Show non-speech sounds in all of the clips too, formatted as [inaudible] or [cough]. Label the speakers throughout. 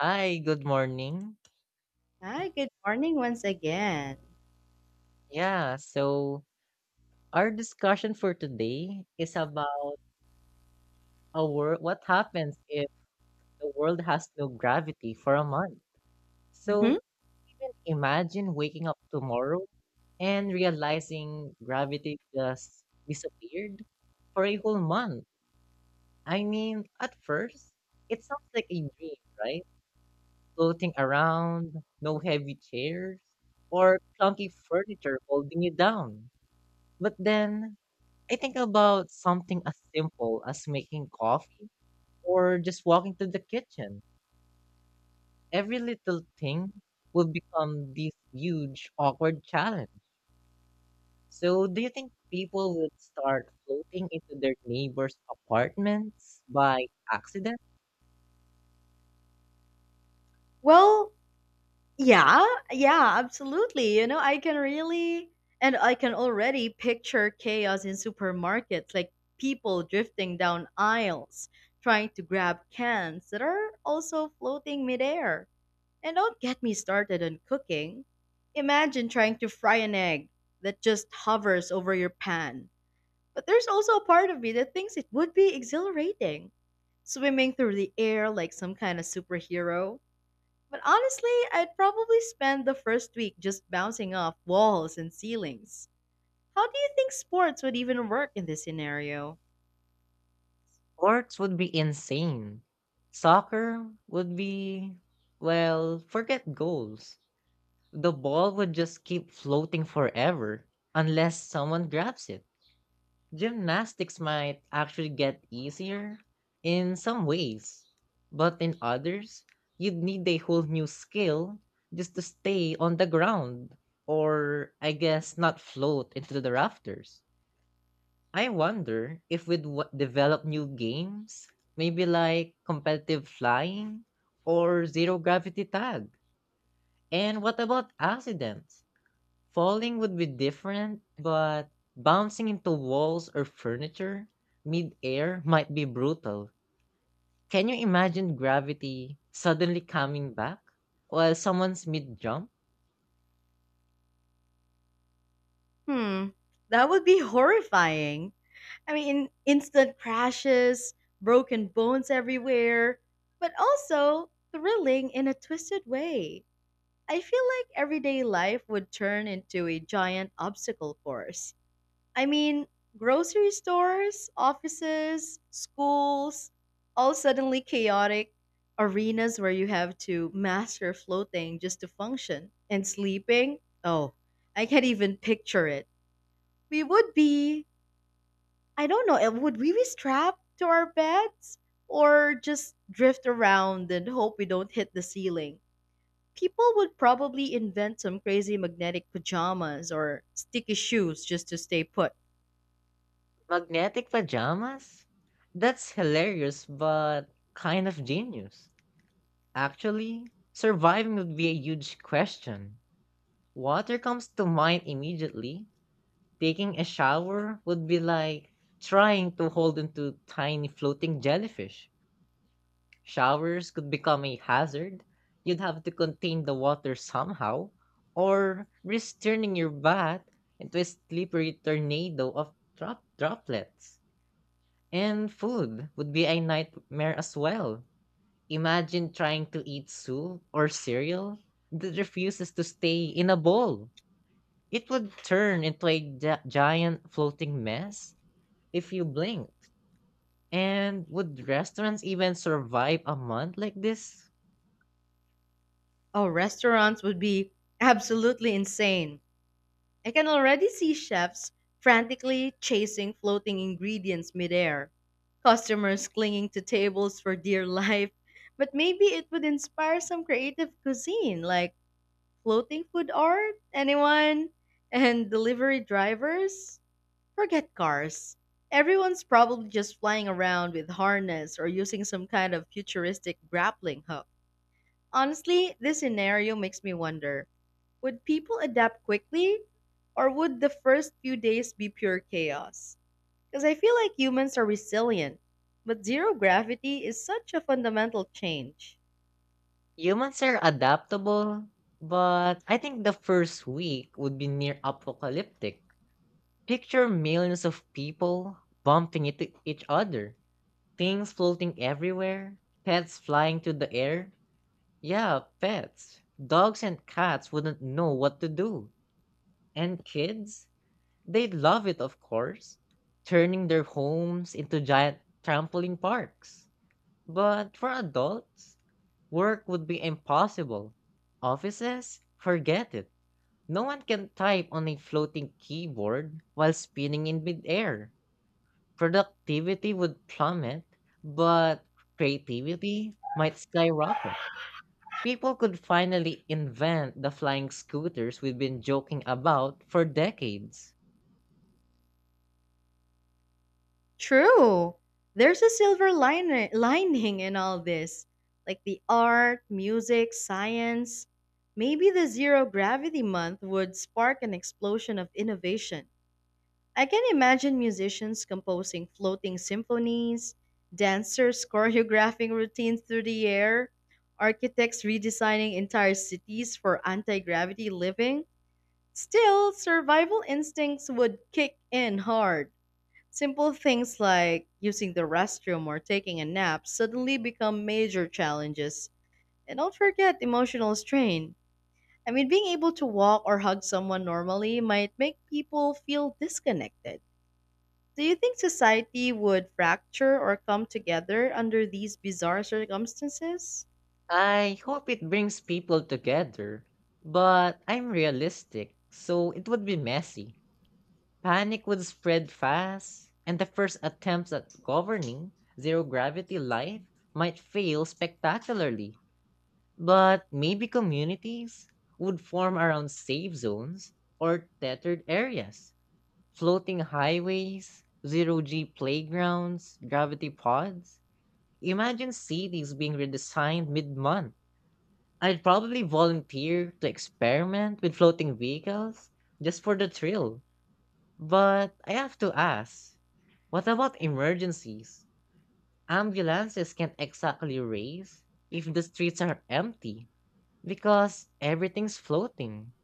Speaker 1: Hi, good morning.
Speaker 2: Hi, good morning once again.
Speaker 1: Yeah, so our discussion for today is about a world what happens if the world has no gravity for a month.
Speaker 2: hmm
Speaker 1: So even imagine waking up tomorrow and realizing gravity just disappeared for a whole month. I mean, at first, it sounds like a dream, right? Floating around, no heavy chairs, or clunky furniture holding you down. But then I think about something as simple as making coffee or just walking to the kitchen. Every little thing will become this huge, awkward challenge. So, do you think people would start floating into their neighbors' apartments by accident?
Speaker 2: Well, yeah, absolutely. And I can already picture chaos in supermarkets, like people drifting down aisles, trying to grab cans that are also floating midair. And don't get me started on cooking. Imagine trying to fry an egg that just hovers over your pan. But there's also a part of me that thinks it would be exhilarating, swimming through the air like some kind of superhero. But honestly, I'd probably spend the first week just bouncing off walls and ceilings. How do you think sports would even work in this scenario?
Speaker 1: Sports would be insane. Soccer would be, well, forget goals. The ball would just keep floating forever unless someone grabs it. Gymnastics might actually get easier in some ways, but in others, you'd need a whole new skill just to stay on the ground, or I guess not float into the rafters. I wonder if we'd develop new games, maybe like competitive flying or zero gravity tag. And what about accidents? Falling would be different, but bouncing into walls or furniture mid-air might be brutal. Can you imagine gravity suddenly coming back while someone's mid-jump?
Speaker 2: Hmm, that would be horrifying. I mean, instant crashes, broken bones everywhere, but also thrilling in a twisted way. I feel like everyday life would turn into a giant obstacle course. I mean, grocery stores, offices, schools, all suddenly chaotic arenas where you have to master floating just to function. And sleeping? Oh, I can't even picture it. We would be, I don't know, would we be strapped to our beds? Or just drift around and hope we don't hit the ceiling? People would probably invent some crazy magnetic pajamas or sticky shoes just to stay put.
Speaker 1: Magnetic pajamas? That's hilarious, but kind of genius. Actually, surviving would be a huge question. Water comes to mind immediately. Taking a shower would be like trying to hold onto tiny floating jellyfish. Showers could become a hazard. You'd have to contain the water somehow, or risk turning your bath into a slippery tornado of droplets. And food would be a nightmare as well. Imagine trying to eat soup or cereal that refuses to stay in a bowl. It would turn into a giant floating mess if you blinked. And would restaurants even survive a month like this?
Speaker 2: Oh, restaurants would be absolutely insane. I can already see chefs frantically chasing floating ingredients midair, customers clinging to tables for dear life. But maybe it would inspire some creative cuisine, like floating food art, anyone, and delivery drivers. Forget cars. Everyone's probably just flying around with harness or using some kind of futuristic grappling hook. Honestly, this scenario makes me wonder, would people adapt quickly, or would the first few days be pure chaos? Because I feel like humans are resilient, but zero gravity is such a fundamental change.
Speaker 1: Humans are adaptable, but I think the first week would be near apocalyptic. Picture millions of people bumping into each other, things floating everywhere, pets flying to the air. Yeah, pets. Dogs and cats wouldn't know what to do. And kids, they'd love it, of course, turning their homes into giant trampoline parks. But for adults, work would be impossible. Offices? Forget it. No one can type on a floating keyboard while spinning in midair. Productivity would plummet, but creativity might skyrocket. People could finally invent the flying scooters we've been joking about for decades.
Speaker 2: True. There's a silver lining in all this, like the art, music, science. Maybe the zero gravity month would spark an explosion of innovation. I can imagine musicians composing floating symphonies, dancers [laughs] choreographing routines through the air, architects redesigning entire cities for anti gravity living. Still, survival instincts would kick in hard. Simple things like using the restroom or taking a nap suddenly become major challenges. And don't forget emotional strain. I mean, being able to walk or hug someone normally might make people feel disconnected. Do you think society would fracture or come together under these bizarre circumstances?
Speaker 1: I hope it brings people together, but I'm realistic, so it would be messy. Panic would spread fast, and the first attempts at governing zero gravity life might fail spectacularly. But maybe communities would form around safe zones or tethered areas, floating highways, zero G playgrounds, gravity pods. Imagine cities being redesigned mid month. I'd probably volunteer to experiment with floating vehicles just for the thrill, but I have to ask, what about emergencies? Ambulances can't exactly race if the streets are empty because everything's floating.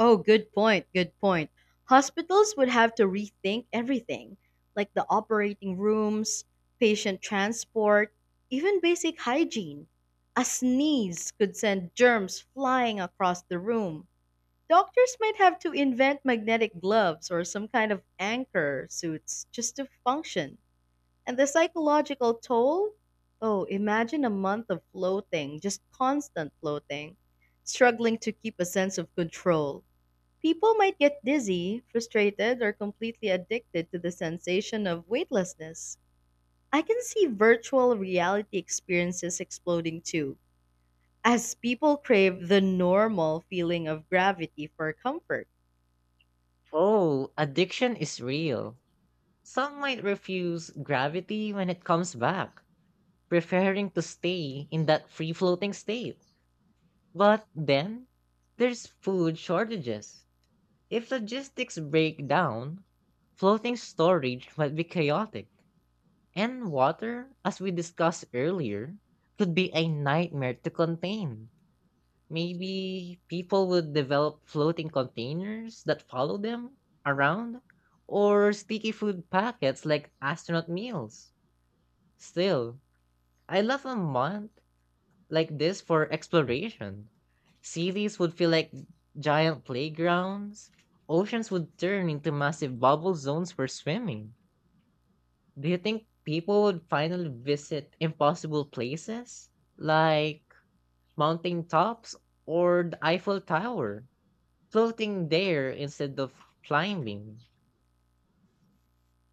Speaker 2: Oh, good point, good point. Hospitals would have to rethink everything, like the operating rooms, patient transport, even basic hygiene. A sneeze could send germs flying across the room. Doctors might have to invent magnetic gloves or some kind of anchor suits just to function. And the psychological toll? Oh, imagine a month of floating, just constant floating, struggling to keep a sense of control. People might get dizzy, frustrated, or completely addicted to the sensation of weightlessness. I can see virtual reality experiences exploding too, as people crave the normal feeling of gravity for comfort.
Speaker 1: Oh, addiction is real. Some might refuse gravity when it comes back, preferring to stay in that free floating state. But then, there's food shortages. If logistics break down, floating storage might be chaotic. And water, as we discussed earlier, could be a nightmare to contain. Maybe people would develop floating containers that follow them around, or sticky food packets like astronaut meals. Still, I love a month like this for exploration. Cities would feel like giant playgrounds, oceans would turn into massive bubble zones for swimming. Do you think people would finally visit impossible places like mountain tops or the Eiffel Tower, floating there instead of climbing?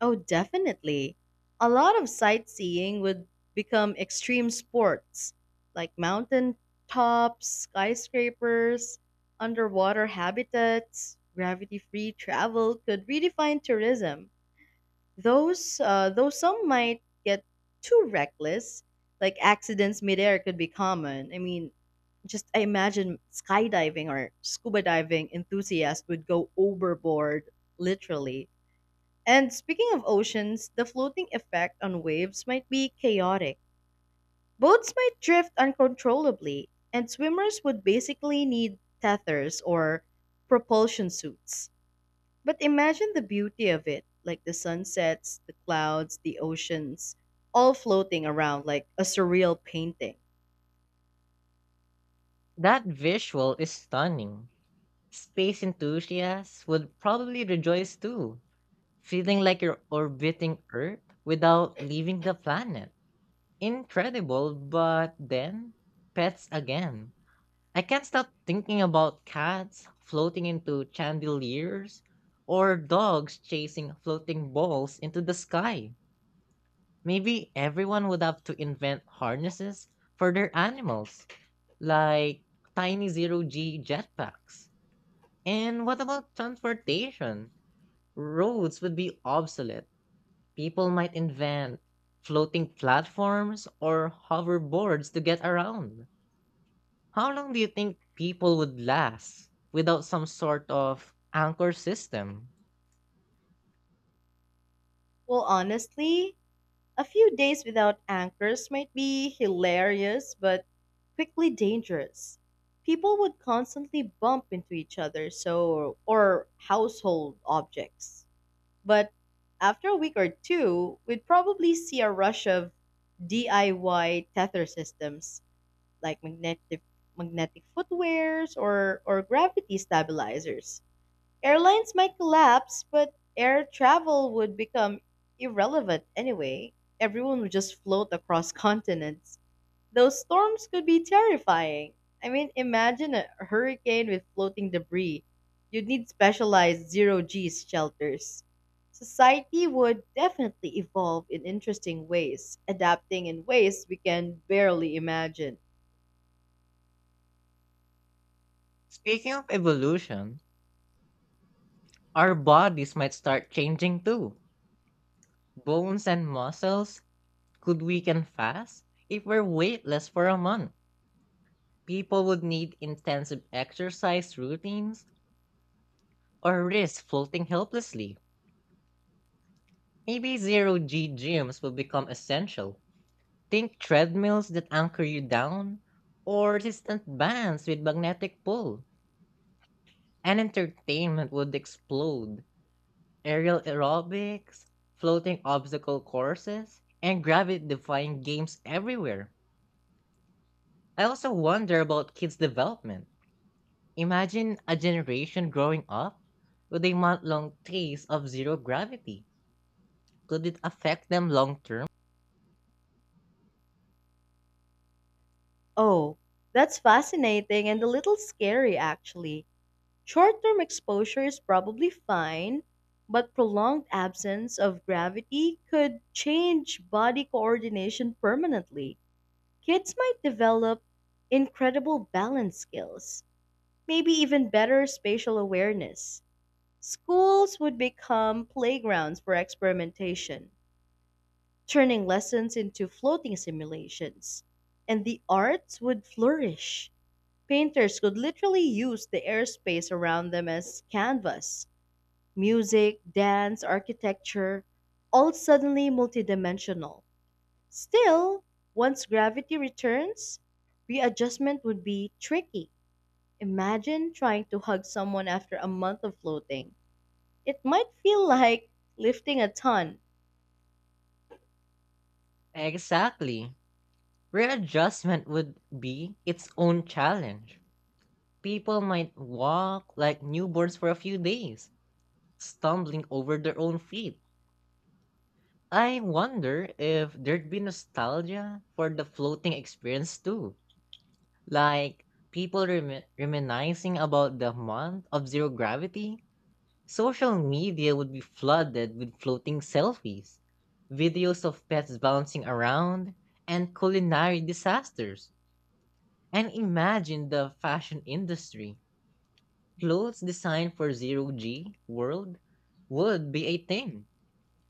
Speaker 2: Oh, definitely. A lot of sightseeing would become extreme sports, like mountain tops, skyscrapers, underwater habitats. Gravity-free travel could redefine tourism. Those though some might get too reckless, like accidents midair could be common. I mean, just I imagine skydiving or scuba diving enthusiasts would go overboard, literally. And speaking of oceans, the floating effect on waves might be chaotic. Boats might drift uncontrollably, and swimmers would basically need tethers or propulsion suits. But imagine the beauty of it, like the sunsets, the clouds, the oceans, all floating around like a surreal painting.
Speaker 1: That visual is stunning. Space enthusiasts would probably rejoice too, feeling like you're orbiting Earth without leaving the planet. Incredible, but then pets again. I can't stop thinking about cats floating into chandeliers or dogs chasing floating balls into the sky. Maybe everyone would have to invent harnesses for their animals, like tiny zero G jetpacks. And what about transportation? Roads would be obsolete. People might invent floating platforms or hoverboards to get around. How long do you think people would last without some sort of anchor system?
Speaker 2: Well, honestly, a few days without anchors might be hilarious, but quickly dangerous. People would constantly bump into each other, so or household objects. But after a week or two, we'd probably see a rush of DIY tether systems, like magnetic footwears or gravity stabilizers. Airlines might collapse, but air travel would become irrelevant anyway. Everyone would just float across [laughs] continents. Those storms could be terrifying. I mean, imagine a hurricane with floating debris. You'd need specialized zero G shelters. Society would definitely evolve in interesting ways, adapting in ways we can barely imagine.
Speaker 1: Speaking of evolution, our bodies might start changing too. Bones and muscles could weaken fast if we're weightless for a month. People would need intensive exercise routines or risk floating helplessly. Maybe zero G gyms will become essential. Think treadmills that anchor you down or resistant bands with magnetic pull, and entertainment would explode. Aerial aerobics, floating obstacle courses, and gravity defying games everywhere. I also wonder about kids' development. Imagine a generation growing up with a month long taste of zero gravity. Could it affect them long term?
Speaker 2: Oh, that's fascinating and a little scary, actually. Short term exposure is probably fine, but prolonged absence of gravity could change body coordination permanently. Kids might develop incredible balance skills, maybe even better spatial awareness. Schools would become playgrounds for experimentation, turning lessons into floating simulations. And the arts would flourish. Painters could literally use the airspace around them as canvas. Music, dance, architecture, all suddenly multidimensional. Still, once gravity returns, readjustment would be tricky. Imagine trying to hug someone after a month of floating. It might feel like lifting a ton.
Speaker 1: Exactly. Readjustment would be its own challenge. People might walk like newborns for a few days, stumbling over their own feet. I wonder if there'd be nostalgia for the floating experience too. Like people reminiscing about the month of zero gravity. Social media would be flooded with floating selfies, videos of pets bouncing around, and culinary disasters. And imagine the fashion industry. Clothes designed for zero G world would be a thing.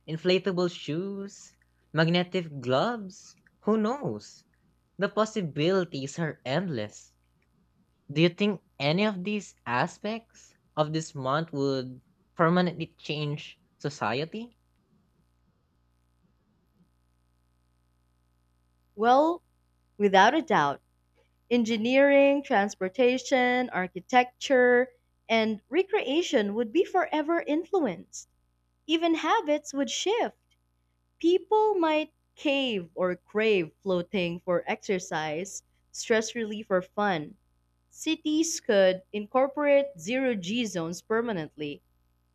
Speaker 1: Inflatable shoes, magnetic gloves, who knows? The possibilities are endless. Do you think any of these aspects of this month would permanently change society?
Speaker 2: Well, without a doubt, engineering, transportation, architecture, and recreation would be forever influenced. Even habits would shift. People might cave or crave floating for exercise, stress relief, or fun. Cities could incorporate zero G zones permanently,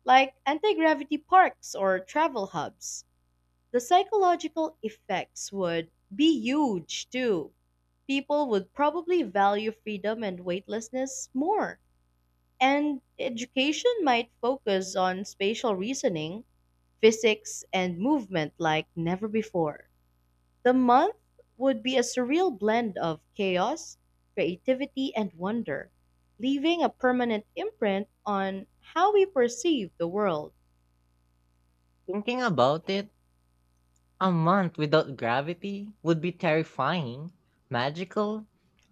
Speaker 2: like anti gravity parks or travel hubs. The psychological effects would be huge too. People would probably value freedom and weightlessness more. And education might focus on spatial reasoning, physics, and movement like never before. The month would be a surreal blend of chaos, creativity, and wonder, leaving a permanent imprint on how we perceive the world.
Speaker 1: Thinking about it, a month without gravity would be terrifying, magical,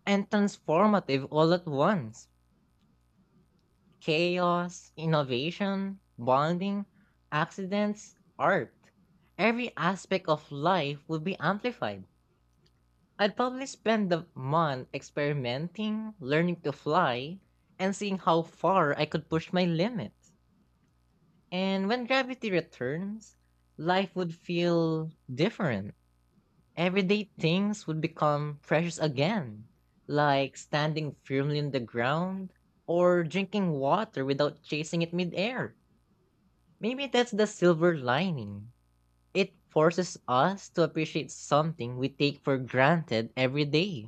Speaker 1: and transformative all at once. Chaos, innovation, bonding, accidents, art. Every aspect of life would be amplified. I'd probably spend the month experimenting, learning to fly, and seeing how far I could push my limits. And when gravity returns, life would feel different. Everyday things would become precious again, like standing firmly on the ground or drinking water without chasing it midair. Maybe that's the silver lining. It forces us to appreciate something we take for granted every day.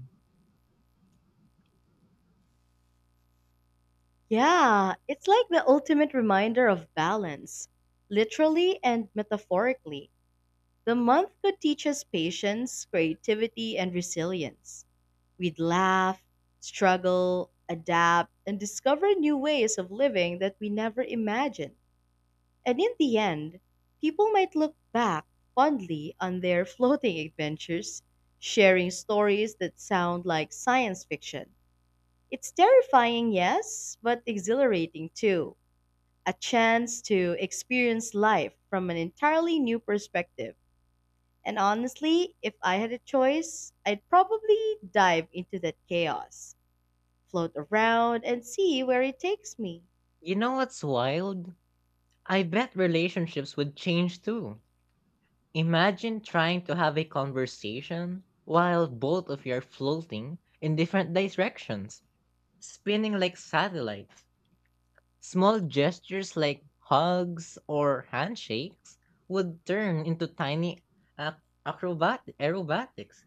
Speaker 2: Yeah, it's like the ultimate reminder of balance, literally and metaphorically. The month could teach us patience, creativity, and resilience. We'd laugh, struggle, adapt, and discover new ways of living that we never imagined. And in the end, people might look back fondly on their [laughs] floating adventures, sharing stories that sound like science fiction. It's terrifying, yes, but exhilarating too. A chance to experience life from an entirely new perspective. And honestly, if I had a choice, I'd probably dive into that chaos, float around, and see where it takes me.
Speaker 1: You know what's wild? I bet relationships would change too. Imagine trying to have a conversation while both of you are floating in different directions, spinning like satellites. Small gestures like hugs or handshakes would turn into tiny ac- acrobat aerobatics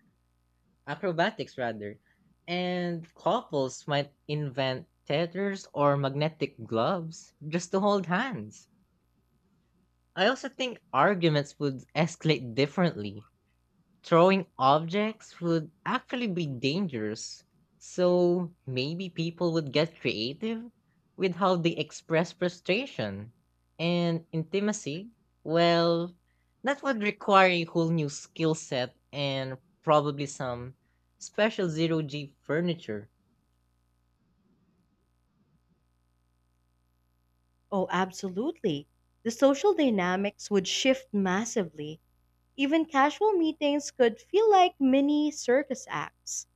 Speaker 1: acrobatics rather. And couples might invent tethers or magnetic gloves just to hold hands. I also think arguments would escalate differently. Throwing objects would actually be dangerous, so maybe people would get creative with how they express frustration and intimacy. Well, that would require a whole new skill set and probably some special zero G furniture.
Speaker 2: Oh, absolutely. The social dynamics would shift massively. Even casual meetings could feel like mini circus acts.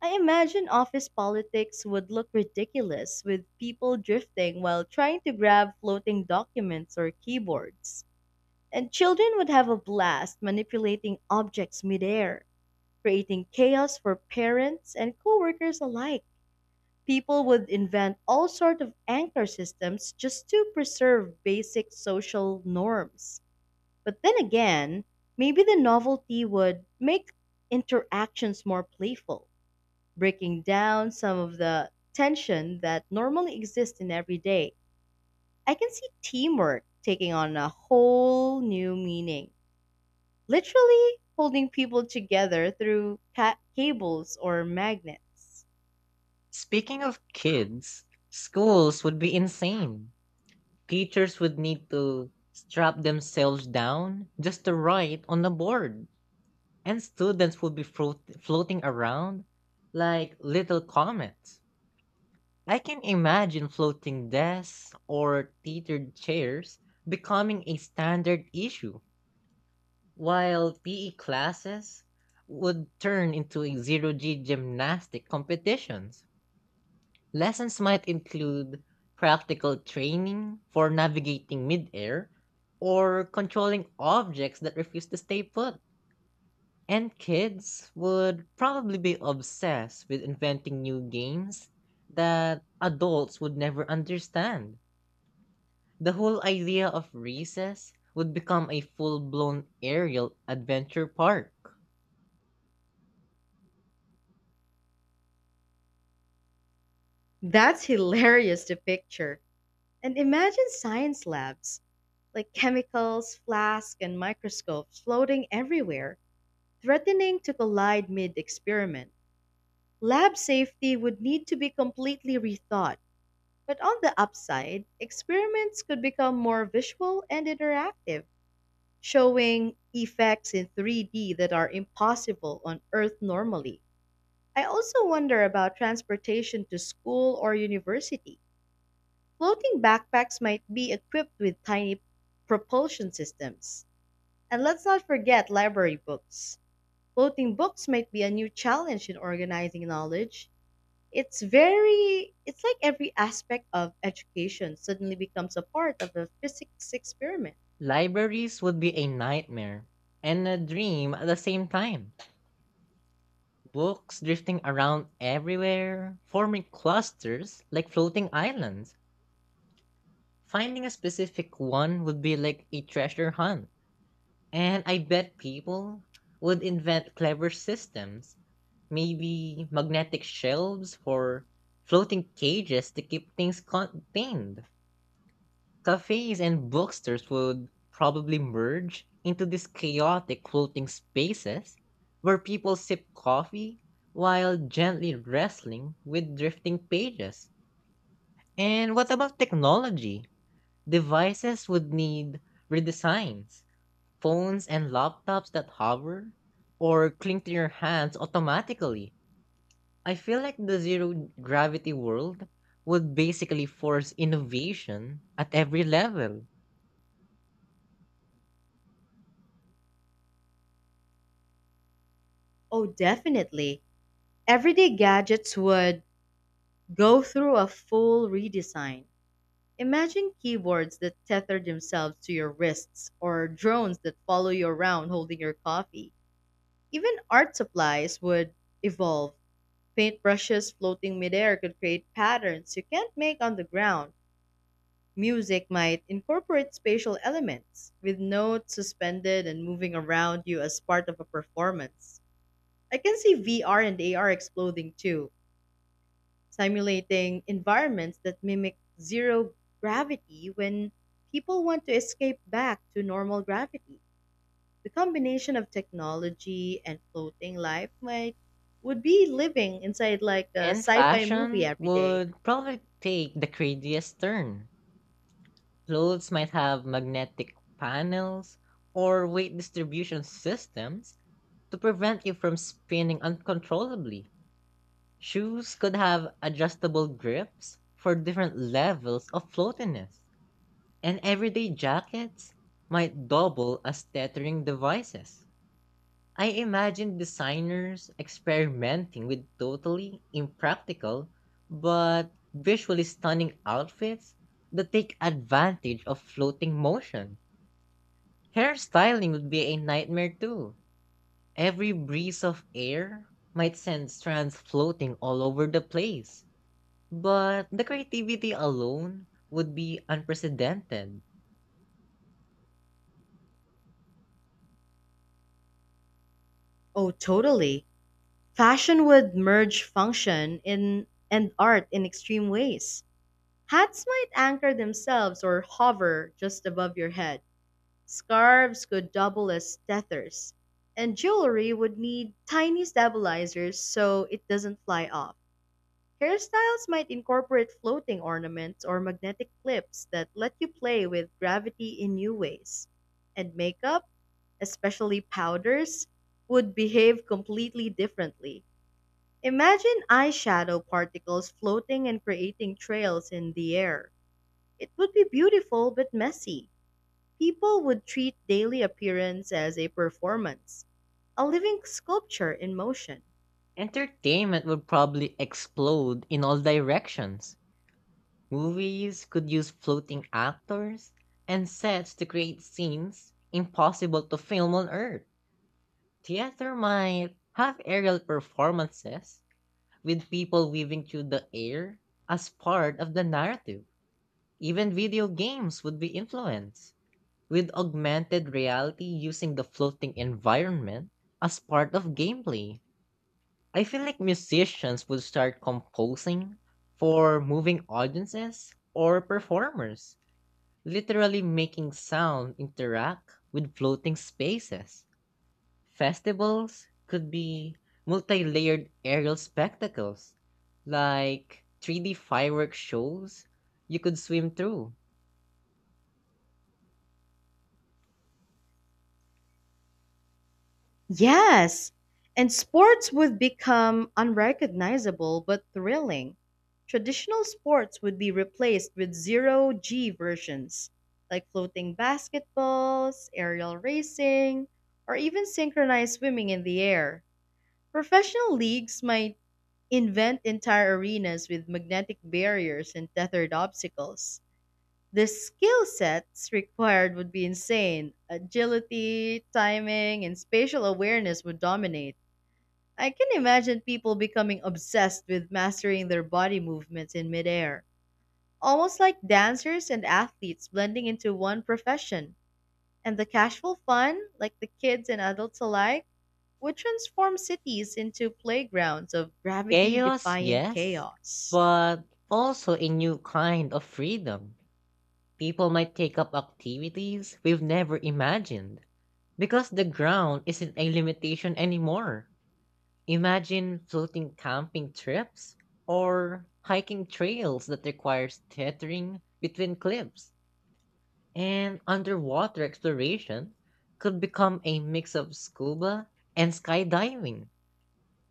Speaker 2: I imagine office politics would look ridiculous with people drifting while trying to grab floating documents or keyboards. And children would have a blast manipulating objects midair, creating chaos for parents and coworkers alike. People would invent all sorts of anchor systems just to preserve basic social norms. But then again, maybe the novelty would make interactions more playful, breaking down some of the tension that normally exists in everyday. I can see teamwork taking on a whole new meaning, literally holding people together through cables or magnets.
Speaker 1: Speaking of kids, schools would be insane. Teachers would need to strap themselves down just to write on the board, and students would be floating around like little comets. I can imagine floating desks or teetered chairs becoming a standard issue, while PE classes would turn into a zero G gymnastic competitions. Lessons might include practical training for navigating midair or controlling objects that refuse to stay put. And kids would probably be obsessed with inventing new games that adults would never understand. The whole idea of recess would become a full blown aerial adventure park.
Speaker 2: That's hilarious to picture. And imagine science labs, like chemicals, flasks, and microscopes floating everywhere, threatening to collide mid experiment. Lab safety would need to be completely rethought, but on the upside, experiments could become more visual and interactive, showing effects in 3D that are impossible on Earth normally. I also wonder about transportation to school or university. Floating backpacks might be equipped with tiny propulsion systems. And let's not forget library books. Floating books might be a new challenge in organizing knowledge. It's like every aspect of education suddenly becomes a part of a physics experiment.
Speaker 1: Libraries would be a nightmare and a dream at the same time. Books drifting around everywhere, forming clusters like floating islands. Finding a specific one would be like a treasure hunt. And I bet people would invent clever systems, maybe magnetic shelves for floating cages to keep things contained. Cafes and bookstores would probably merge into these chaotic floating spaces where people sip coffee while gently wrestling with drifting pages. And what about technology? Devices would need redesigns. Phones and laptops that hover or cling to your hands automatically. I feel like the zero gravity world would basically force innovation at every level.
Speaker 2: Oh, definitely. Everyday gadgets would go through a full redesign. Imagine keyboards that tether themselves to your wrists or drones that follow you around holding your coffee. Even art supplies would evolve. Paintbrushes floating midair could create patterns you can't make on the ground. Music might incorporate spatial elements, with notes suspended and moving around you as part of a performance. I can see VR and AR exploding too, simulating environments that mimic zero gravity when people want to escape back to normal gravity. The combination of technology and floating life might would be living inside like a
Speaker 1: And
Speaker 2: sci-fi movie
Speaker 1: fashion
Speaker 2: every day.
Speaker 1: would probably take the craziest turn. Clothes might have magnetic panels or weight distribution systems to prevent you from spinning uncontrollably. Shoes could have adjustable grips for different levels of floatiness. And everyday jackets might double as tethering devices. I imagine designers experimenting with totally impractical but visually stunning outfits that take advantage of floating motion. Hairstyling would be a nightmare too. Every breeze of air might send strands floating all over the place. But the creativity alone would be unprecedented.
Speaker 2: Oh, totally. Fashion would merge function in and art in extreme ways. Hats might anchor themselves or hover just above your head. Scarves could double as tethers. And jewelry would need tiny stabilizers so it doesn't fly off. Hairstyles might incorporate floating ornaments or magnetic clips that let you play with gravity in new ways. And makeup, especially powders, would behave completely differently. Imagine eyeshadow particles floating and creating trails in the air. It would be beautiful but messy. People would treat daily appearance as a performance, a living sculpture in motion.
Speaker 1: Entertainment would probably explode in all directions. Movies could use floating actors and sets to create scenes impossible to film on Earth. Theater might have aerial performances with people weaving through the air as part of the narrative. Even video games would be influenced, with augmented reality using the floating environment as part of gameplay. I feel like musicians would start composing for moving audiences or performers, literally making sound interact with floating spaces. Festivals could be multi layered aerial spectacles, like 3D fireworks shows you could swim through.
Speaker 2: Yes, and sports would become unrecognizable but thrilling. Traditional sports would be replaced with zero G versions, like floating basketballs, aerial racing, or even synchronized swimming in the air. Professional leagues might invent entire arenas with magnetic barriers and tethered obstacles. The skill sets required would be insane. Agility, timing, and spatial awareness would dominate. I can imagine people becoming obsessed with mastering their body movements in midair, almost like dancers and athletes blending into one profession. And the casual fun, like the kids and adults alike, would transform cities into playgrounds of gravity
Speaker 1: Chaos,
Speaker 2: defying
Speaker 1: yes,
Speaker 2: chaos.
Speaker 1: but also a new kind of freedom. People might take up activities we've never imagined. Because the ground isn't a limitation anymore. Imagine floating camping trips or hiking trails that requires tethering between cliffs. And underwater exploration could become a mix of scuba and skydiving,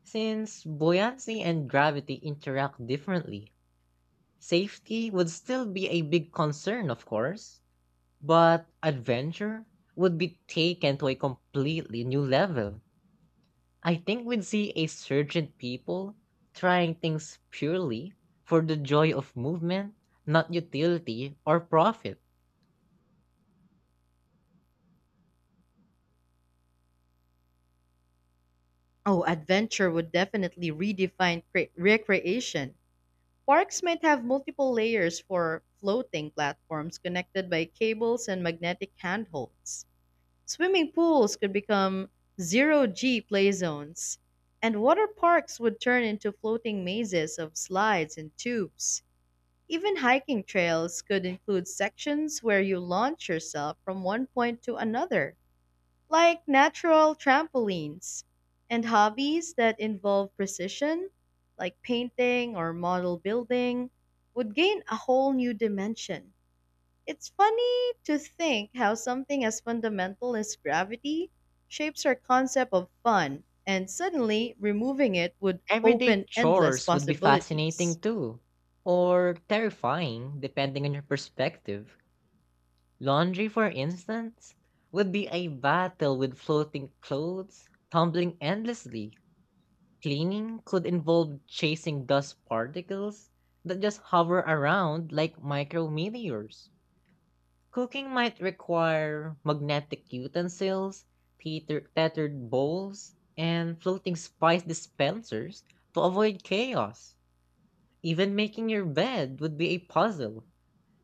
Speaker 1: since buoyancy and gravity interact differently. Safety would still be a big concern, of course, but adventure would be taken to a completely new level. I think we'd see a surge in people trying things purely for the joy of movement, not utility or profit.
Speaker 2: Oh, adventure would definitely redefine recreation. Parks might have multiple layers for floating platforms connected by cables and magnetic handholds. Swimming pools could become zero G play zones, and water parks would turn into floating mazes of slides and tubes. Even hiking trails could include sections where you launch yourself from one point to another, like natural trampolines. And hobbies that involve precision, like painting or model building, would gain a whole new dimension. It's funny to think how something as fundamental as gravity shapes our concept of fun, and suddenly removing it would
Speaker 1: Everyday
Speaker 2: open endless
Speaker 1: chores would be fascinating
Speaker 2: possibilities.
Speaker 1: too, or terrifying depending on your perspective. Laundry, for instance, would be a battle with floating clothes, tumbling endlessly. Cleaning could involve chasing dust particles that just hover around like micrometeors. Cooking might require magnetic utensils, tethered bowls, and floating spice dispensers to avoid chaos. Even making your bed would be a puzzle,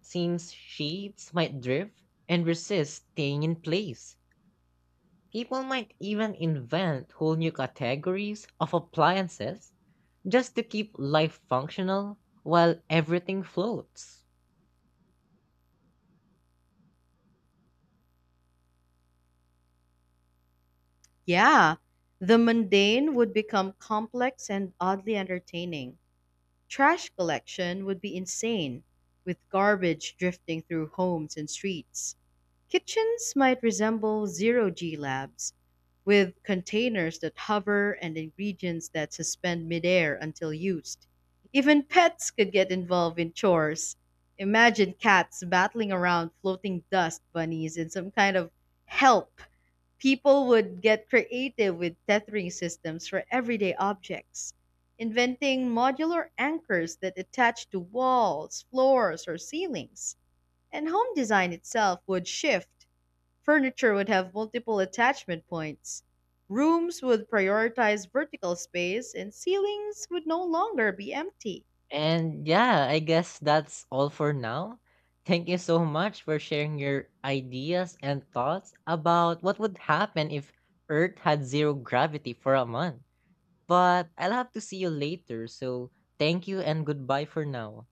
Speaker 1: since sheets might drift and resist staying in place. People might even invent whole new categories of appliances just to keep life functional while everything floats.
Speaker 2: Yeah, the mundane would become complex and oddly entertaining. Trash collection would be insane, with garbage drifting through homes and streets. Kitchens might resemble zero G labs, with containers that hover and ingredients that suspend midair until used. Even pets could get involved in chores. Imagine cats battling around floating dust bunnies in some kind of help. People would get creative with tethering systems for everyday objects, inventing modular anchors that attach to walls, floors, or ceilings. And home design itself would shift. Furniture would have multiple attachment points. Rooms would prioritize vertical space, and ceilings would no longer be empty.
Speaker 1: And yeah, I guess that's all for now. Thank you so much for sharing your ideas and thoughts about what would happen if Earth had zero gravity for a month. But I'll have to see you later, so thank you and goodbye for now.